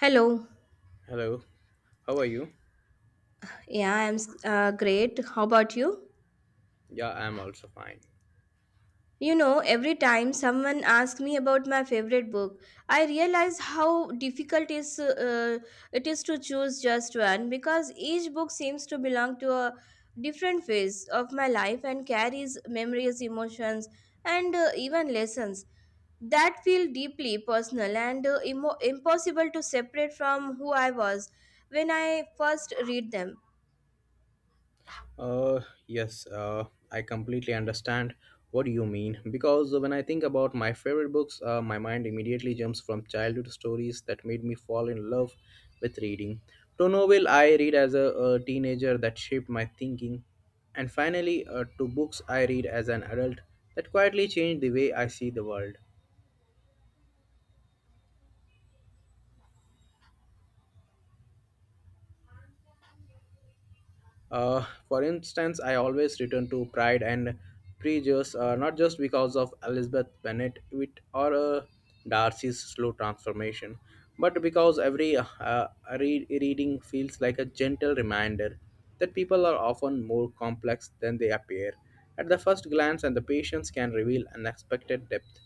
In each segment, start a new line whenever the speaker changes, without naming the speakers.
Hello.
Hello, how are you?
Yeah, I'm great. How about you?
Yeah, I'm also fine.
You know, every time someone asks me about my favorite book, I realize how difficult is it is to choose just one because each book seems to belong to a different phase of my life and carries memories, emotions, and even lessons that feel deeply personal and impossible to separate from who I was when I first read them.
Uh, yes, I completely understand what you mean because when I think about my favorite books, my mind immediately jumps from childhood stories that made me fall in love with reading to novel I read as a teenager that shaped my thinking, and finally to books I read as an adult that quietly changed the way I see the world. For instance, I always return to Pride and Prejudice, not just because of Elizabeth Bennet with, or Darcy's slow transformation, but because every reading feels like a gentle reminder that people are often more complex than they appear at the first glance, and the patience can reveal unexpected depth.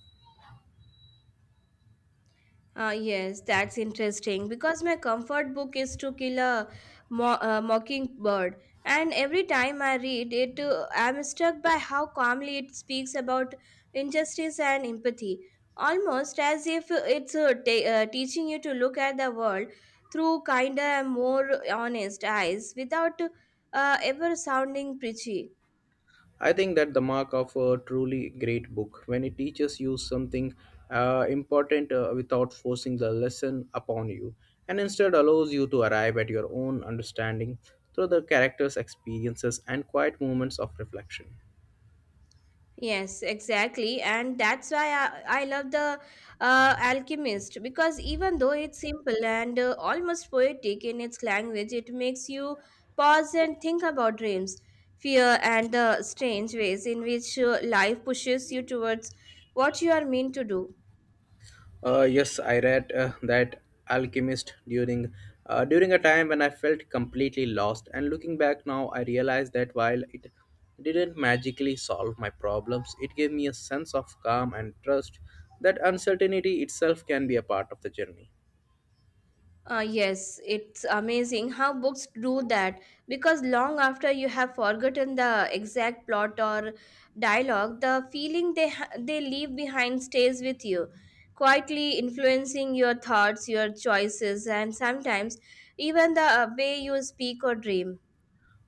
Yes, that's interesting because my comfort book is To Kill a Mockingbird, and every time I read it, I'm struck by how calmly it speaks about injustice and empathy, almost as if it's teaching you to look at the world through kinder and more honest eyes without ever sounding preachy.
I think that the mark of a truly great book when it teaches you something important without forcing the lesson upon you and instead allows you to arrive at your own understanding through the character's experiences and quiet moments of reflection.
Yes, exactly. And that's why I love The Alchemist because even though it's simple and almost poetic in its language, it makes you pause and think about dreams, fear, and the strange ways in which life pushes you towards what you are meant to do.
Yes, I read that Alchemist during a time when I felt completely lost. And looking back now, I realize that while it didn't magically solve my problems, it gave me a sense of calm and trust that uncertainty itself can be a part of the journey.
Yes, it's amazing how books do that because long after you have forgotten the exact plot or dialogue, the feeling they leave behind stays with you, quietly influencing your thoughts, your choices, and sometimes even the way you speak or dream.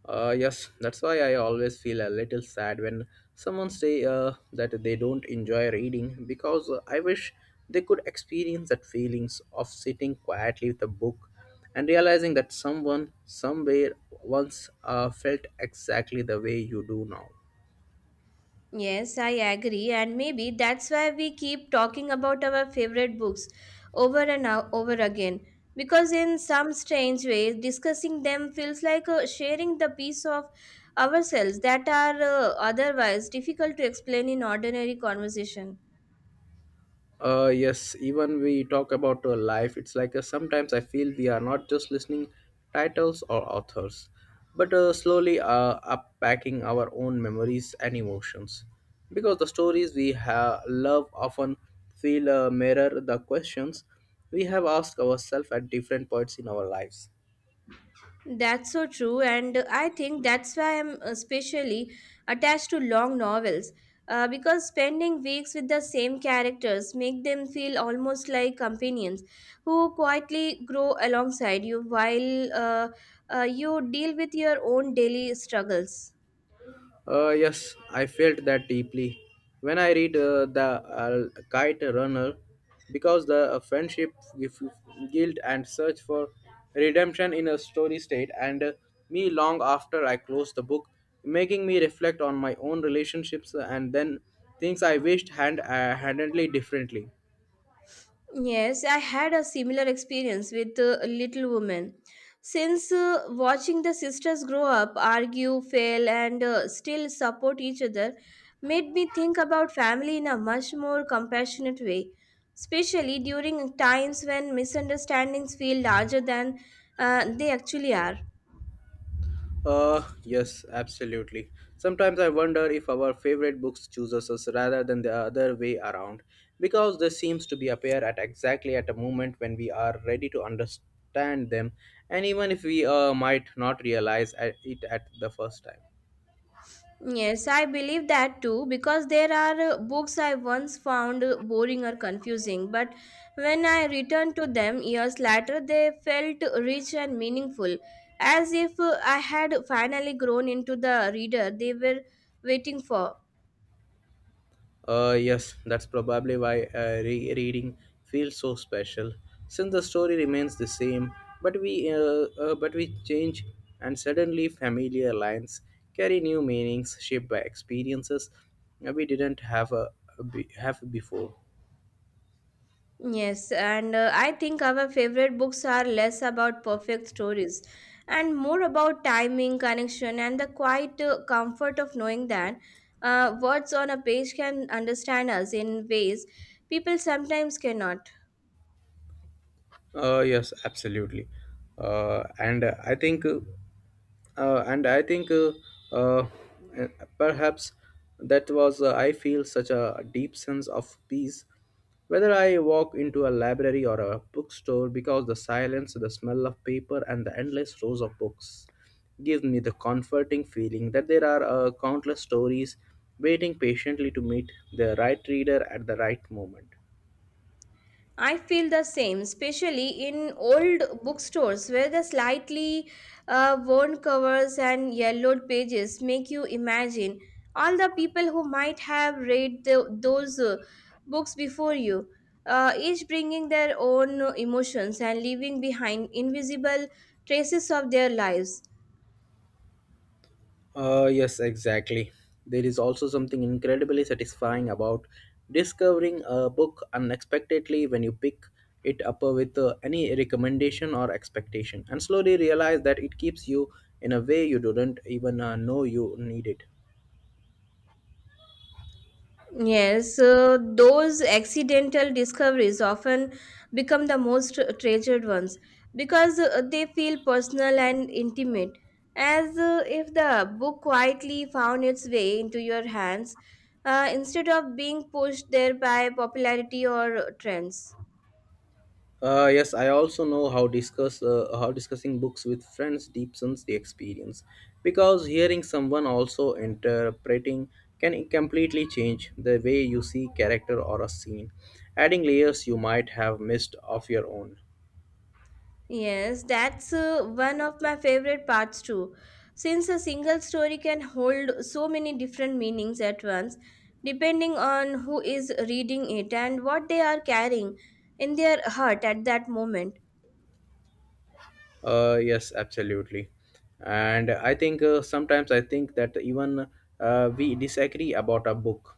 Yes, that's why I always feel a little sad when someone say that they don't enjoy reading because I wish they could experience that feelings of sitting quietly with a book and realizing that someone somewhere once felt exactly the way you do now.
Yes, I agree, and maybe that's why we keep talking about our favorite books over and over again. Because in some strange way, discussing them feels like sharing the piece of ourselves that are otherwise difficult to explain in ordinary conversation.
Yes, even we talk about life, it's like sometimes I feel we are not just listening titles or authors but slowly unpacking our own memories and emotions because the stories we have love often feel mirror the questions we have asked ourselves at different points in our lives.
That's so true, and I think that's why I'm especially attached to long novels because spending weeks with the same characters make them feel almost like companions who quietly grow alongside you while you deal with your own daily struggles.
Yes, I felt that deeply when I read the Kite Runner, because the friendship, gif- guilt, and search for redemption in a story state, and me long after I closed the book, making me reflect on my own relationships and then things I wished handedly differently.
Yes, I had a similar experience with Little Women. Since watching the sisters grow up, argue, fail, and still support each other made me think about family in a much more compassionate way, especially during times when misunderstandings feel larger than they actually are.
Yes, absolutely. Sometimes I wonder if our favorite books chooses us rather than the other way around, because they seems to be appear at exactly at a moment when we are ready to understand them, and even if we might not realize it at the first time.
Yes, I believe that too because there are books I once found boring or confusing, but when I returned to them years later, they felt rich and meaningful, as if I had finally grown into the reader they were waiting for.
Yes, that's probably why rereading feels so special, since the story remains the same, but we change, and suddenly familiar lines carry new meanings shaped by experiences we didn't have a be- have before.
Yes, and I think our favorite books are less about perfect stories and more about timing, connection, and the quiet comfort of knowing that words on a page can understand us in ways people sometimes cannot.
Yes, absolutely. Uh, and uh, I think, uh, and I think, uh, uh, perhaps that was I feel such a deep sense of peace. Whether I walk into a library or a bookstore, because the silence, the smell of paper, and the endless rows of books give me the comforting feeling that there are countless stories waiting patiently to meet the right reader at the right moment.
I feel the same, especially in old bookstores where the slightly worn covers and yellowed pages make you imagine all the people who might have read those books before you, each bringing their own emotions and leaving behind invisible traces of their lives.
Yes, exactly. There is also something incredibly satisfying about discovering a book unexpectedly when you pick it up with any recommendation or expectation and slowly realize that it keeps you in a way you didn't even know you needed.
Yes, those accidental discoveries often become the most treasured ones because they feel personal and intimate, as if the book quietly found its way into your hands instead of being pushed there by popularity or trends.
Yes, I also know how discussing books with friends deepens the experience, because hearing someone also interpreting can completely change the way you see character or a scene, adding layers you might have missed of your own.
Yes, that's one of my favorite parts too. Since a single story can hold so many different meanings at once, depending on who is reading it and what they are carrying in their heart at that moment.
Yes, absolutely. And I think sometimes I think that even we disagree about a book.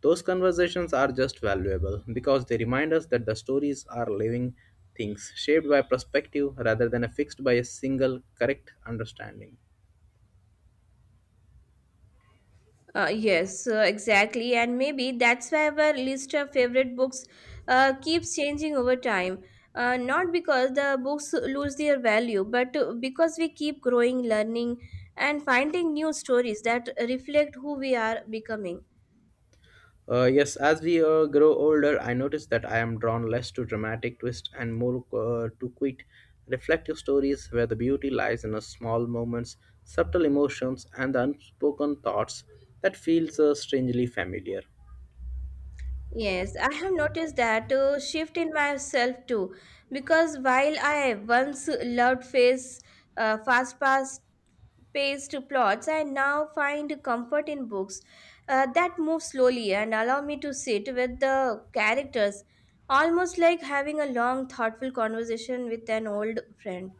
Those conversations are just valuable because they remind us that the stories are living things shaped by perspective rather than fixed by a single correct understanding.
Yes, exactly, and maybe that's why our list of favorite books keeps changing over time. Not because the books lose their value, but because we keep growing, learning, and finding new stories that reflect who we are becoming.
Yes, as we grow older, I notice that I am drawn less to dramatic twists and more to quaint, reflective stories where the beauty lies in the small moments, subtle emotions, and the unspoken thoughts that feels strangely familiar.
Yes, I have noticed that shift in myself too, because while I once loved face fast paced plots, I now find comfort in books that move slowly and allow me to sit with the characters, almost like having a long, thoughtful conversation with an old friend.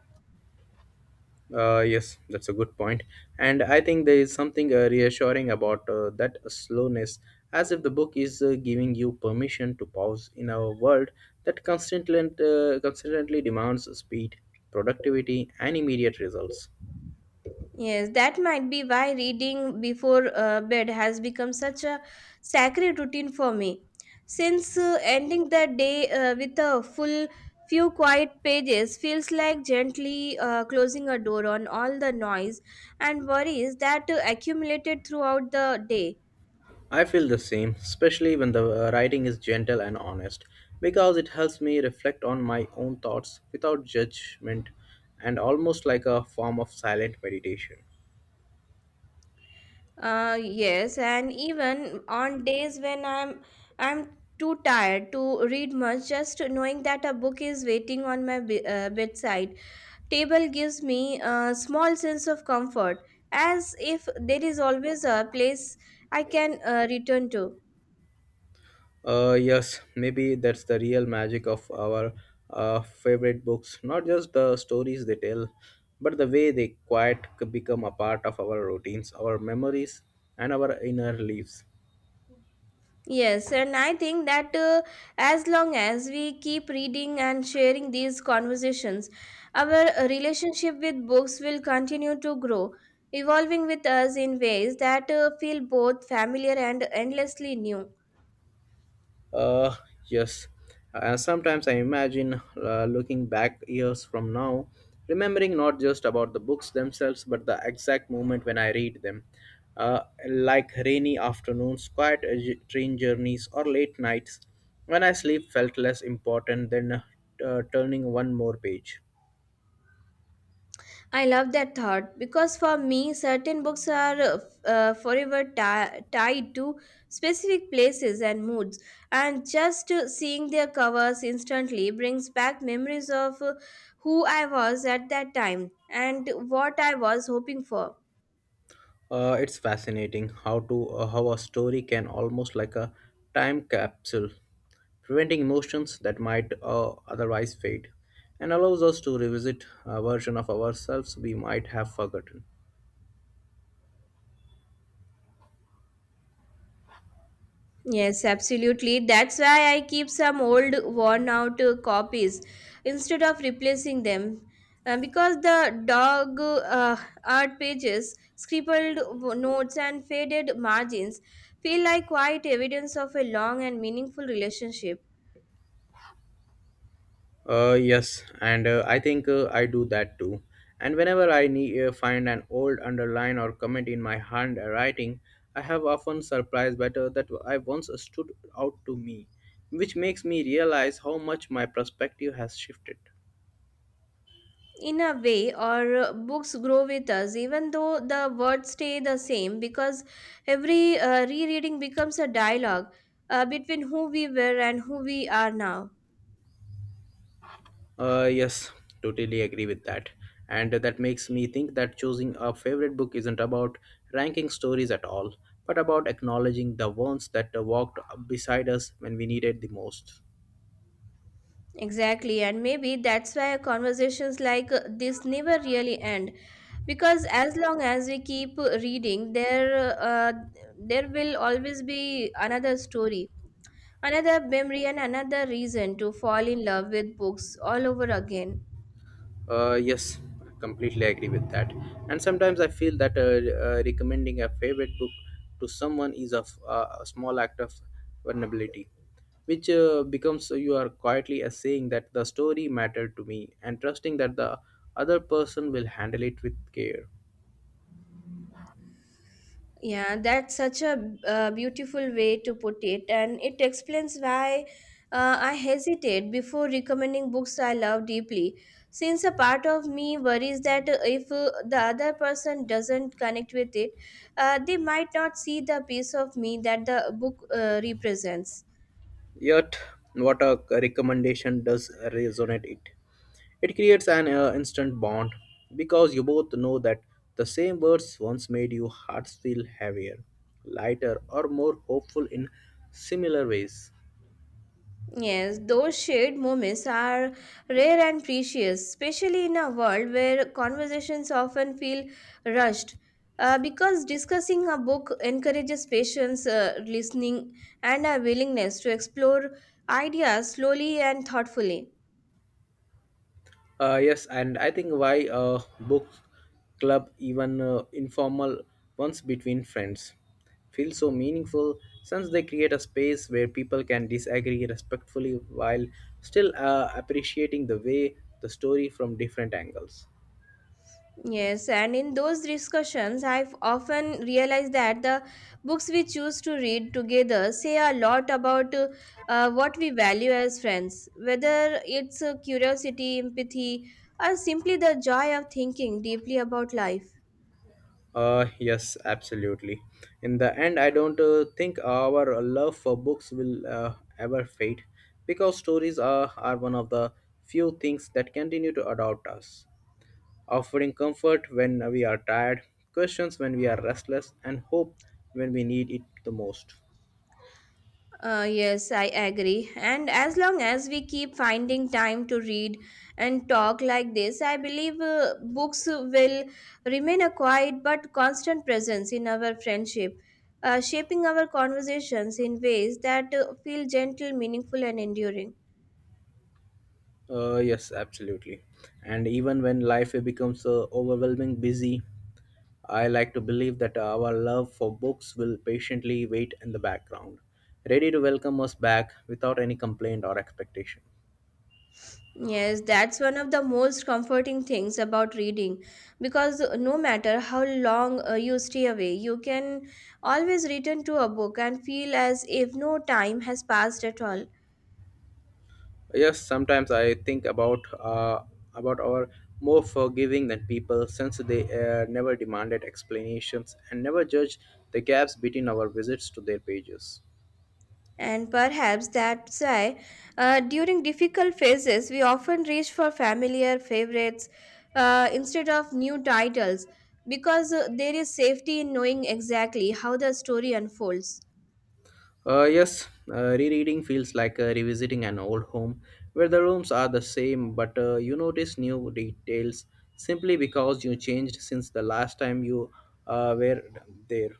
Yes, that's a good point. And I think there is something reassuring about that slowness, as if the book is giving you permission to pause in a world that constantly demands speed, productivity, and immediate results.
Yes, that might be why reading before bed has become such a sacred routine for me. Since ending the day with a full few quiet pages feels like gently closing a door on all the noise and worries that accumulated throughout the day.
I feel the same, especially when the writing is gentle and honest, because it helps me reflect on my own thoughts without judgment and almost like a form of silent meditation.
Yes, and even on days when I'm too tired to read much, just knowing that a book is waiting on my bedside table gives me a small sense of comfort, as if there is always a place I can return to.
Yes, maybe that's the real magic of our favorite books. Not just the stories they tell, but the way they become a part of our routines, our memories, and our inner lives.
Yes, and I think that as long as we keep reading and sharing these conversations, our relationship with books will continue to grow, evolving with us in ways that feel both familiar and endlessly new.
Uh, yes. And sometimes I imagine looking back years from now, remembering not just about the books themselves, but the exact moment when I read them. Uh, like rainy afternoons, quiet train journeys, or late nights when I sleep felt less important than turning one more page.
I love that thought because for me, certain books are forever tied to specific places and moods, and just seeing their covers instantly brings back memories of who I was at that time and what I was hoping for.
It's fascinating how a story can almost like a time capsule, preventing emotions that might otherwise fade, and allows us to revisit a version of ourselves we might have forgotten.
Yes, absolutely. That's why I keep some old, worn out copies instead of replacing them. Because the dog art pages, scribbled notes, and faded margins feel like quiet evidence of a long and meaningful relationship.
Yes, and I think I do that too. And whenever I need, find an old underline or comment in my handwriting, I have often surprised better that I once stood out to me, which makes me realize how much my perspective has shifted.
In a way, our books grow with us, even though the words stay the same, because every rereading becomes a dialogue between who we were and who we are now.
Yes, totally agree with that. And that makes me think that choosing a favorite book isn't about ranking stories at all, but about acknowledging the ones that walked beside us when we needed the most.
Exactly, and maybe that's why conversations like this never really end because as long as we keep reading, there will always be another story, another memory, and another reason to fall in love with books all over again.
Yes, I completely agree with that. And sometimes I feel that recommending a favorite book to someone is a small act of vulnerability, which becomes you are quietly saying that the story mattered to me and trusting that the other person will handle it with care.
Yeah, that's such a beautiful way to put it, and it explains why I hesitate before recommending books I love deeply. Since a part of me worries that if the other person doesn't connect with it, they might not see the piece of me that the book represents.
Yet, what a recommendation does resonate it. It creates an instant bond because you both know that the same words once made your hearts feel heavier, lighter, or more hopeful in similar ways.
Yes, those shared moments are rare and precious, especially in a world where conversations often feel rushed. Because discussing a book encourages patience, listening, and a willingness to explore ideas slowly and thoughtfully.
Yes, and I think why book club, even informal ones between friends, feel so meaningful since they create a space where people can disagree respectfully while still appreciating the way the story from different angles.
Yes, and in those discussions, I've often realized that the books we choose to read together say a lot about what we value as friends, whether it's curiosity, empathy, or simply the joy of thinking deeply about life.
Yes, absolutely. In the end, I don't think our love for books will ever fade because stories are one of the few things that continue to adopt us, offering comfort when we are tired, questions when we are restless, and hope when we need it the most.
Yes, I agree. And as long as we keep finding time to read and talk like this, I believe books will remain a quiet but constant presence in our friendship, shaping our conversations in ways that feel gentle, meaningful, and enduring.
Yes, absolutely. And even when life becomes overwhelming, busy, I like to believe that our love for books will patiently wait in the background, ready to welcome us back without any complaint or expectation.
Yes, that's one of the most comforting things about reading because no matter how long you stay away, you can always return to a book and feel as if no time has passed at all.
Yes, sometimes I think about our more forgiving than people since they never demanded explanations and never judged the gaps between our visits to their pages.
And perhaps that's why, during difficult phases, we often reach for familiar favorites instead of new titles because there is safety in knowing exactly how the story unfolds.
Yes, rereading feels like revisiting an old home where the rooms are the same, but you notice new details simply because you changed since the last time you were there.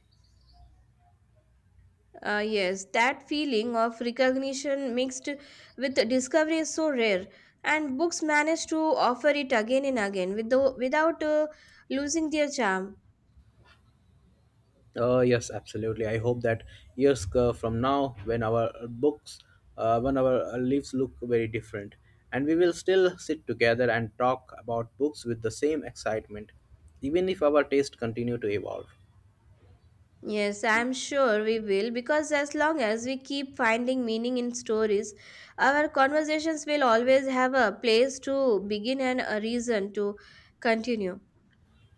Yes, that feeling of recognition mixed with discovery is so rare, and books manage to offer it again and again with without losing their charm.
Yes, absolutely. I hope that years from now, when our books, when our lives look very different, and we will still sit together and talk about books with the same excitement, even if our taste continue to evolve.
Yes, I'm sure we will because as long as we keep finding meaning in stories, our conversations will always have a place to begin and a reason to continue.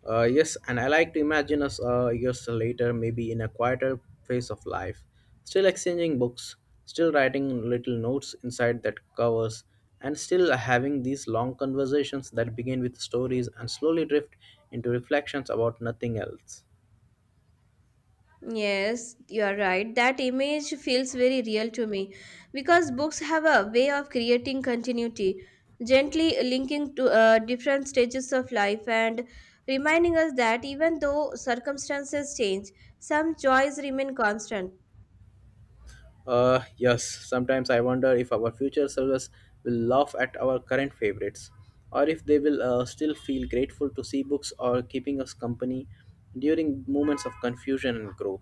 Yes, and I like to imagine us years later, maybe in a quieter phase of life, still exchanging books, still writing little notes inside that covers, and still having these long conversations that begin with stories and slowly drift into reflections about nothing else.
Yes, you are right. That image feels very real to me because books have a way of creating continuity, gently linking to different stages of life and reminding us that even though circumstances change, some joys remain constant.
Yes, sometimes I wonder if our future selves will laugh at our current favorites, or if they will still feel grateful to see books or keeping us company during moments of confusion and growth.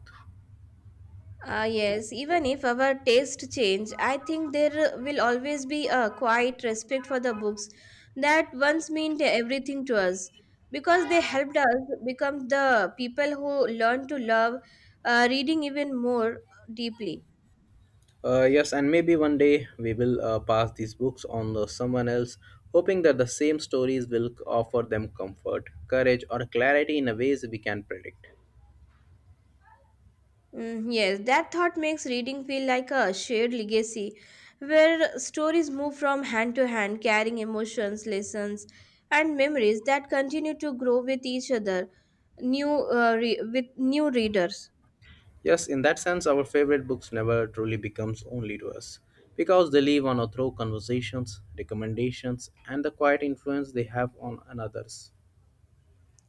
Yes, even if our taste change, I think there will always be a quiet respect for the books that once meant everything to us because they helped us become the people who learn to love reading even more deeply.
Yes, and maybe one day we will pass these books on to someone else, hoping that the same stories will offer them comfort, courage, or clarity in a ways we can predict.
Mm, yes, that thought makes reading feel like a shared legacy where stories move from hand to hand, carrying emotions, lessons, and memories that continue to grow with each other, with new readers.
Yes, in that sense, our favorite books never truly becomes only to us, because they live on through conversations, recommendations, and the quiet influence they have on others.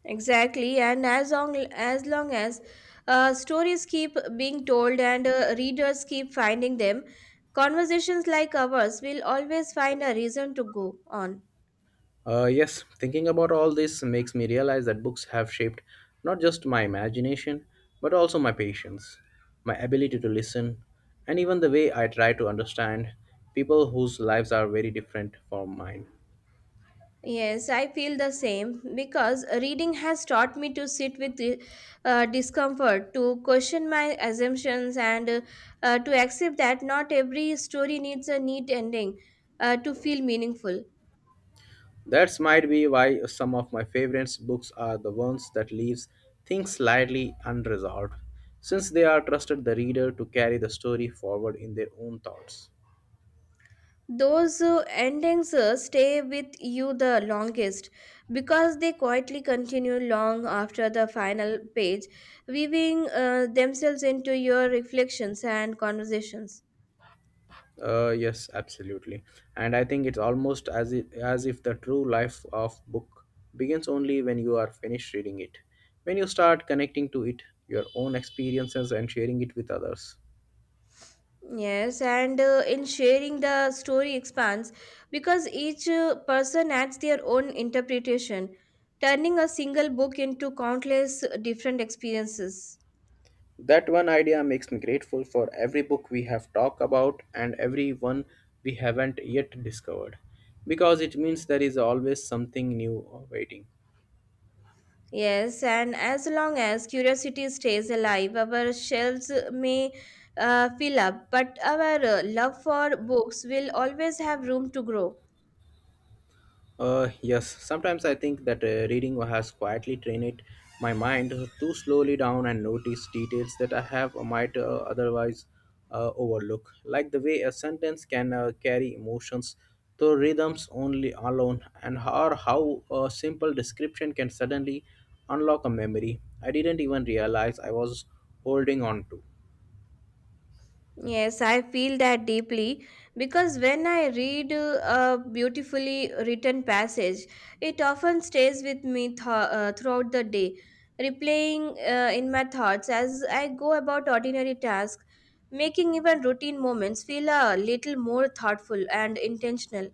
Exactly, and as long as stories keep being told and readers keep finding them, conversations like ours will always find a reason to go on.
Yes, thinking about all this makes me realize that books have shaped not just my imagination, but also my patience, my ability to listen, and even the way I try to understand people whose lives are very different from mine.
Yes, I feel the same because reading has taught me to sit with discomfort, to question my assumptions, and to accept that not every story needs a neat ending to feel meaningful.
That might be why some of my favorite books are the ones that leaves things slightly unresolved, since they are trusted the reader to carry the story forward in their own thoughts.
Those endings stay with you the longest because they quietly continue long after the final page, weaving themselves into your reflections and conversations.
Yes, absolutely. And I think it's almost as if the true life of book begins only when you are finished reading it. When you start connecting to it, your own experiences and sharing it with others.
Yes, and in sharing the story expands because each person adds their own interpretation, turning a single book into countless different experiences.
That one idea makes me grateful for every book we have talked about and every one we haven't yet discovered because it means there is always something new waiting.
Yes, and as long as curiosity stays alive, our shelves may fill up, but our love for books will always have room to grow.
Yes, sometimes I think that reading has quietly trained my mind to slowly down and notice details that I have or might otherwise overlook, like the way a sentence can carry emotions through rhythms only alone, and how a simple description can suddenly unlock a memory I didn't even realize I was holding on to.
Yes, I feel that deeply because when I read a beautifully written passage, it often stays with me throughout the day, replaying in my thoughts as I go about ordinary tasks, making even routine moments feel a little more thoughtful and intentional.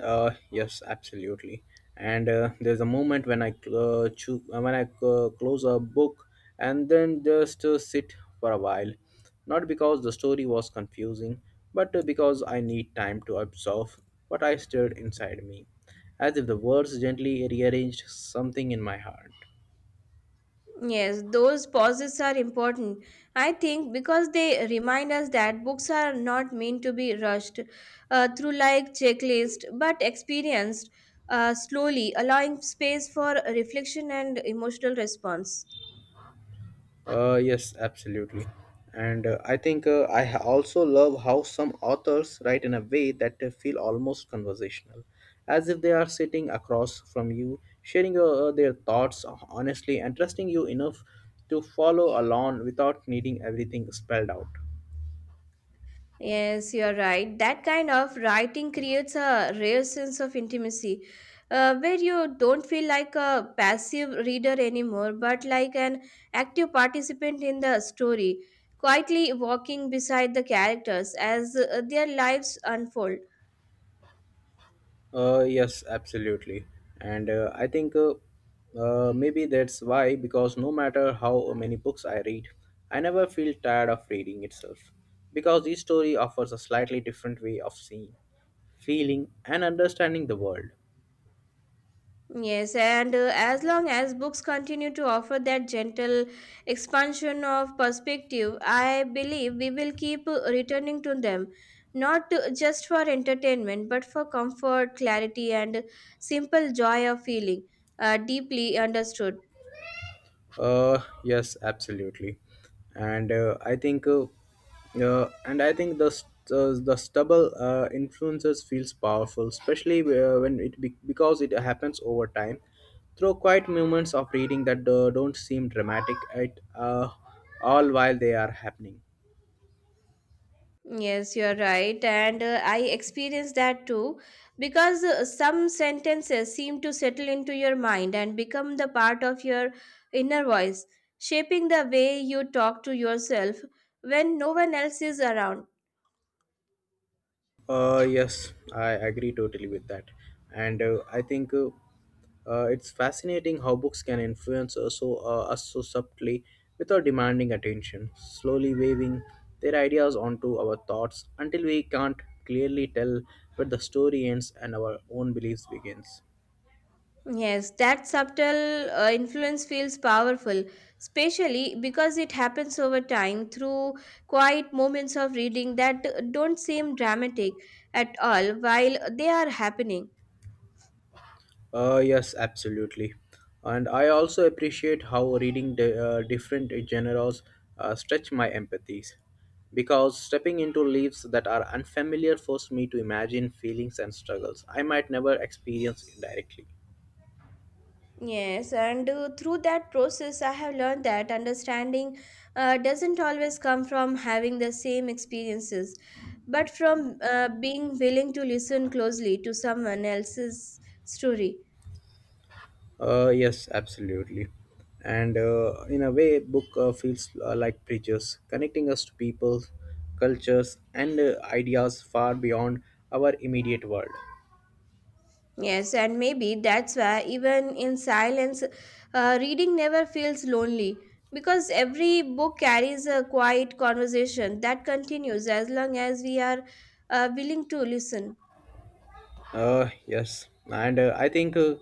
Yes, absolutely. And there's a moment when when I close a book and then just sit for a while, not because the story was confusing, but because I need time to absorb what I stirred inside me, as if the words gently rearranged something in my heart.
Yes, those pauses are important, I think, because they remind us that books are not meant to be rushed through like checklist, but experienced slowly, allowing space for reflection and emotional response.
Yes, absolutely. And I think also love how some authors write in a way that they feel almost conversational, as if they are sitting across from you, sharing their thoughts honestly and trusting you enough to follow along without needing everything spelled out.
Yes, you're right. That kind of writing creates a rare sense of intimacy where you don't feel like a passive reader anymore, but like an active participant in the story, quietly walking beside the characters as their lives unfold.
Yes, absolutely. And I think maybe that's why, because no matter how many books I read, I never feel tired of reading itself. Because each story offers a slightly different way of seeing, feeling, and understanding the world.
Yes, and as long as books continue to offer that gentle expansion of perspective, I believe we will keep returning to them, not just for entertainment, but for comfort, clarity, and simple joy of feeling deeply understood.
Yes, absolutely, and I think, and I think the stubble influences feels powerful, especially because it happens over time through quiet moments of reading that don't seem dramatic at all while they are happening.
Yes, you're right. And I experienced that too because some sentences seem to settle into your mind and become the part of your inner voice, shaping the way you talk to yourself when no one else is around.
Yes, I agree totally with that. And I think it's fascinating how books can influence us so subtly without demanding attention, slowly waving their ideas onto our thoughts until we can't clearly tell where the story ends and our own beliefs begins.
Yes, that subtle influence feels powerful, especially because it happens over time through quiet moments of reading that don't seem dramatic at all while they are happening.
Yes, absolutely. And I also appreciate how reading different genres stretch my empathies because stepping into lives that are unfamiliar forced me to imagine feelings and struggles I might never experience directly.
Yes, and through that process, I have learned that understanding doesn't always come from having the same experiences, but from being willing to listen closely to someone else's story.
Yes, absolutely. And in a way, book feels like bridges, connecting us to people, cultures, and ideas far beyond our immediate world.
Yes, and maybe that's why, even in silence, reading never feels lonely because every book carries a quiet conversation that continues as long as we are willing to listen.
Yes, and I think, uh,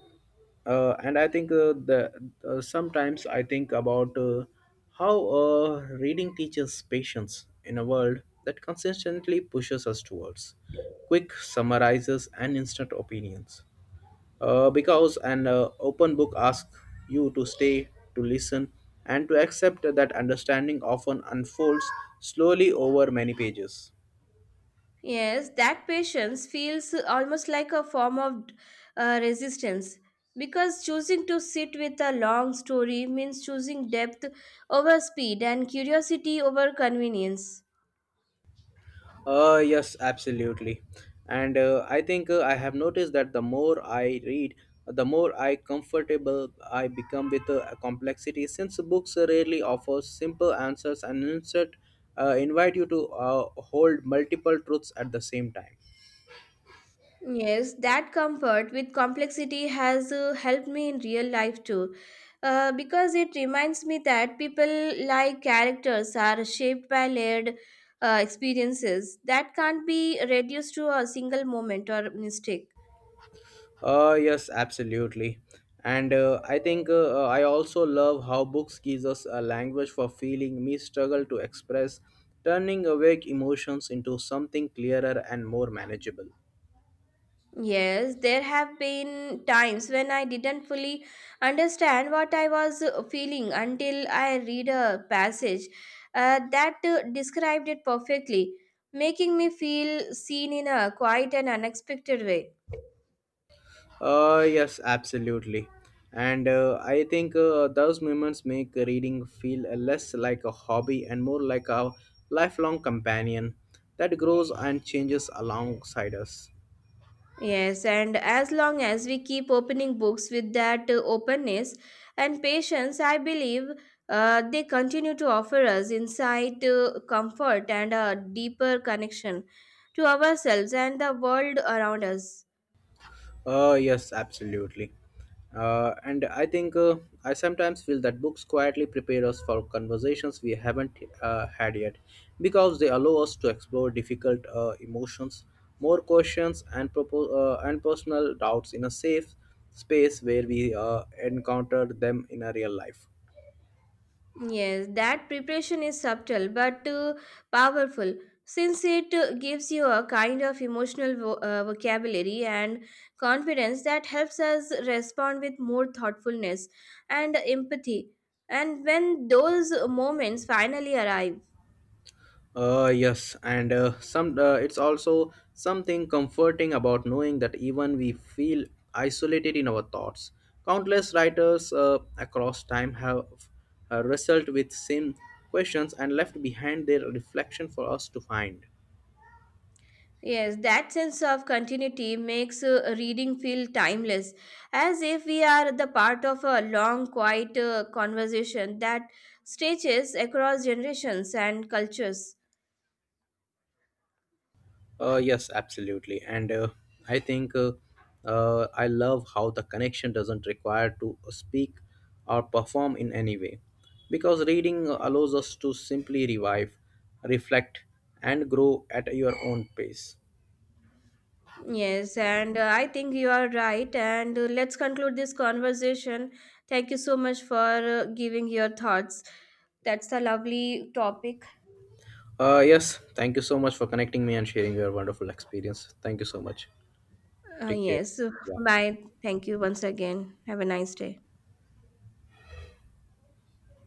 uh, and I think the sometimes I think about how reading teaches patience in a world that consistently pushes us towards quick summarizes and instant opinions. Because an open book asks you to stay, to listen, and to accept that understanding often unfolds slowly over many pages.
Yes, that patience feels almost like a form of resistance because choosing to sit with a long story means choosing depth over speed and curiosity over convenience.
Yes, absolutely. And I think I have noticed that the more I read, the more I comfortable I become with complexity. Since books rarely offer simple answers and instead invite you to hold multiple truths at the same time.
Yes, that comfort with complexity has helped me in real life too. Because it reminds me that people like characters are shaped by layered experiences that can't be reduced to a single moment or mistake.
Yes, absolutely. And I think I also love how books gives us a language for feeling me struggle to express, turning awake emotions into something clearer and more manageable.
Yes, there have been times when I didn't fully understand what I was feeling until I read a passage that described it perfectly, making me feel seen in a quiet and unexpected way.
Yes, absolutely. And I think those moments make reading feel less like a hobby and more like a lifelong companion that grows and changes alongside us.
Yes, and as long as we keep opening books with that openness and patience, I believe they continue to offer us insight, comfort, and a deeper connection to ourselves and the world around us.
Yes, absolutely. And I think I sometimes feel that books quietly prepare us for conversations we haven't had yet because they allow us to explore difficult emotions, more questions, and, personal doubts in a safe space where we encounter them in a real life.
Yes, that preparation is subtle but powerful since it gives you a kind of emotional vocabulary and confidence that helps us respond with more thoughtfulness and empathy. And when those moments finally arrive,
Yes, and some it's also something comforting about knowing that even we feel isolated in our thoughts. Countless writers across time have wrestled with same questions and left behind their reflection for us to find.
yes, that sense of continuity makes reading feel timeless, as if we are the part of a long, quiet conversation that stretches across generations and cultures.
Yes, absolutely. And I think I love how the connection doesn't require to speak or perform in any way. Because reading allows us to simply revive, reflect, and grow at your own pace.
Yes, and I think you are right. And let's conclude this conversation. Thank you so much for giving your thoughts. That's a lovely topic.
Yes, thank you so much for connecting me and sharing your wonderful experience. Thank you so much.
Uh,
Take care.
yes.
Bye.
Bye. Thank you once again. Have a nice day.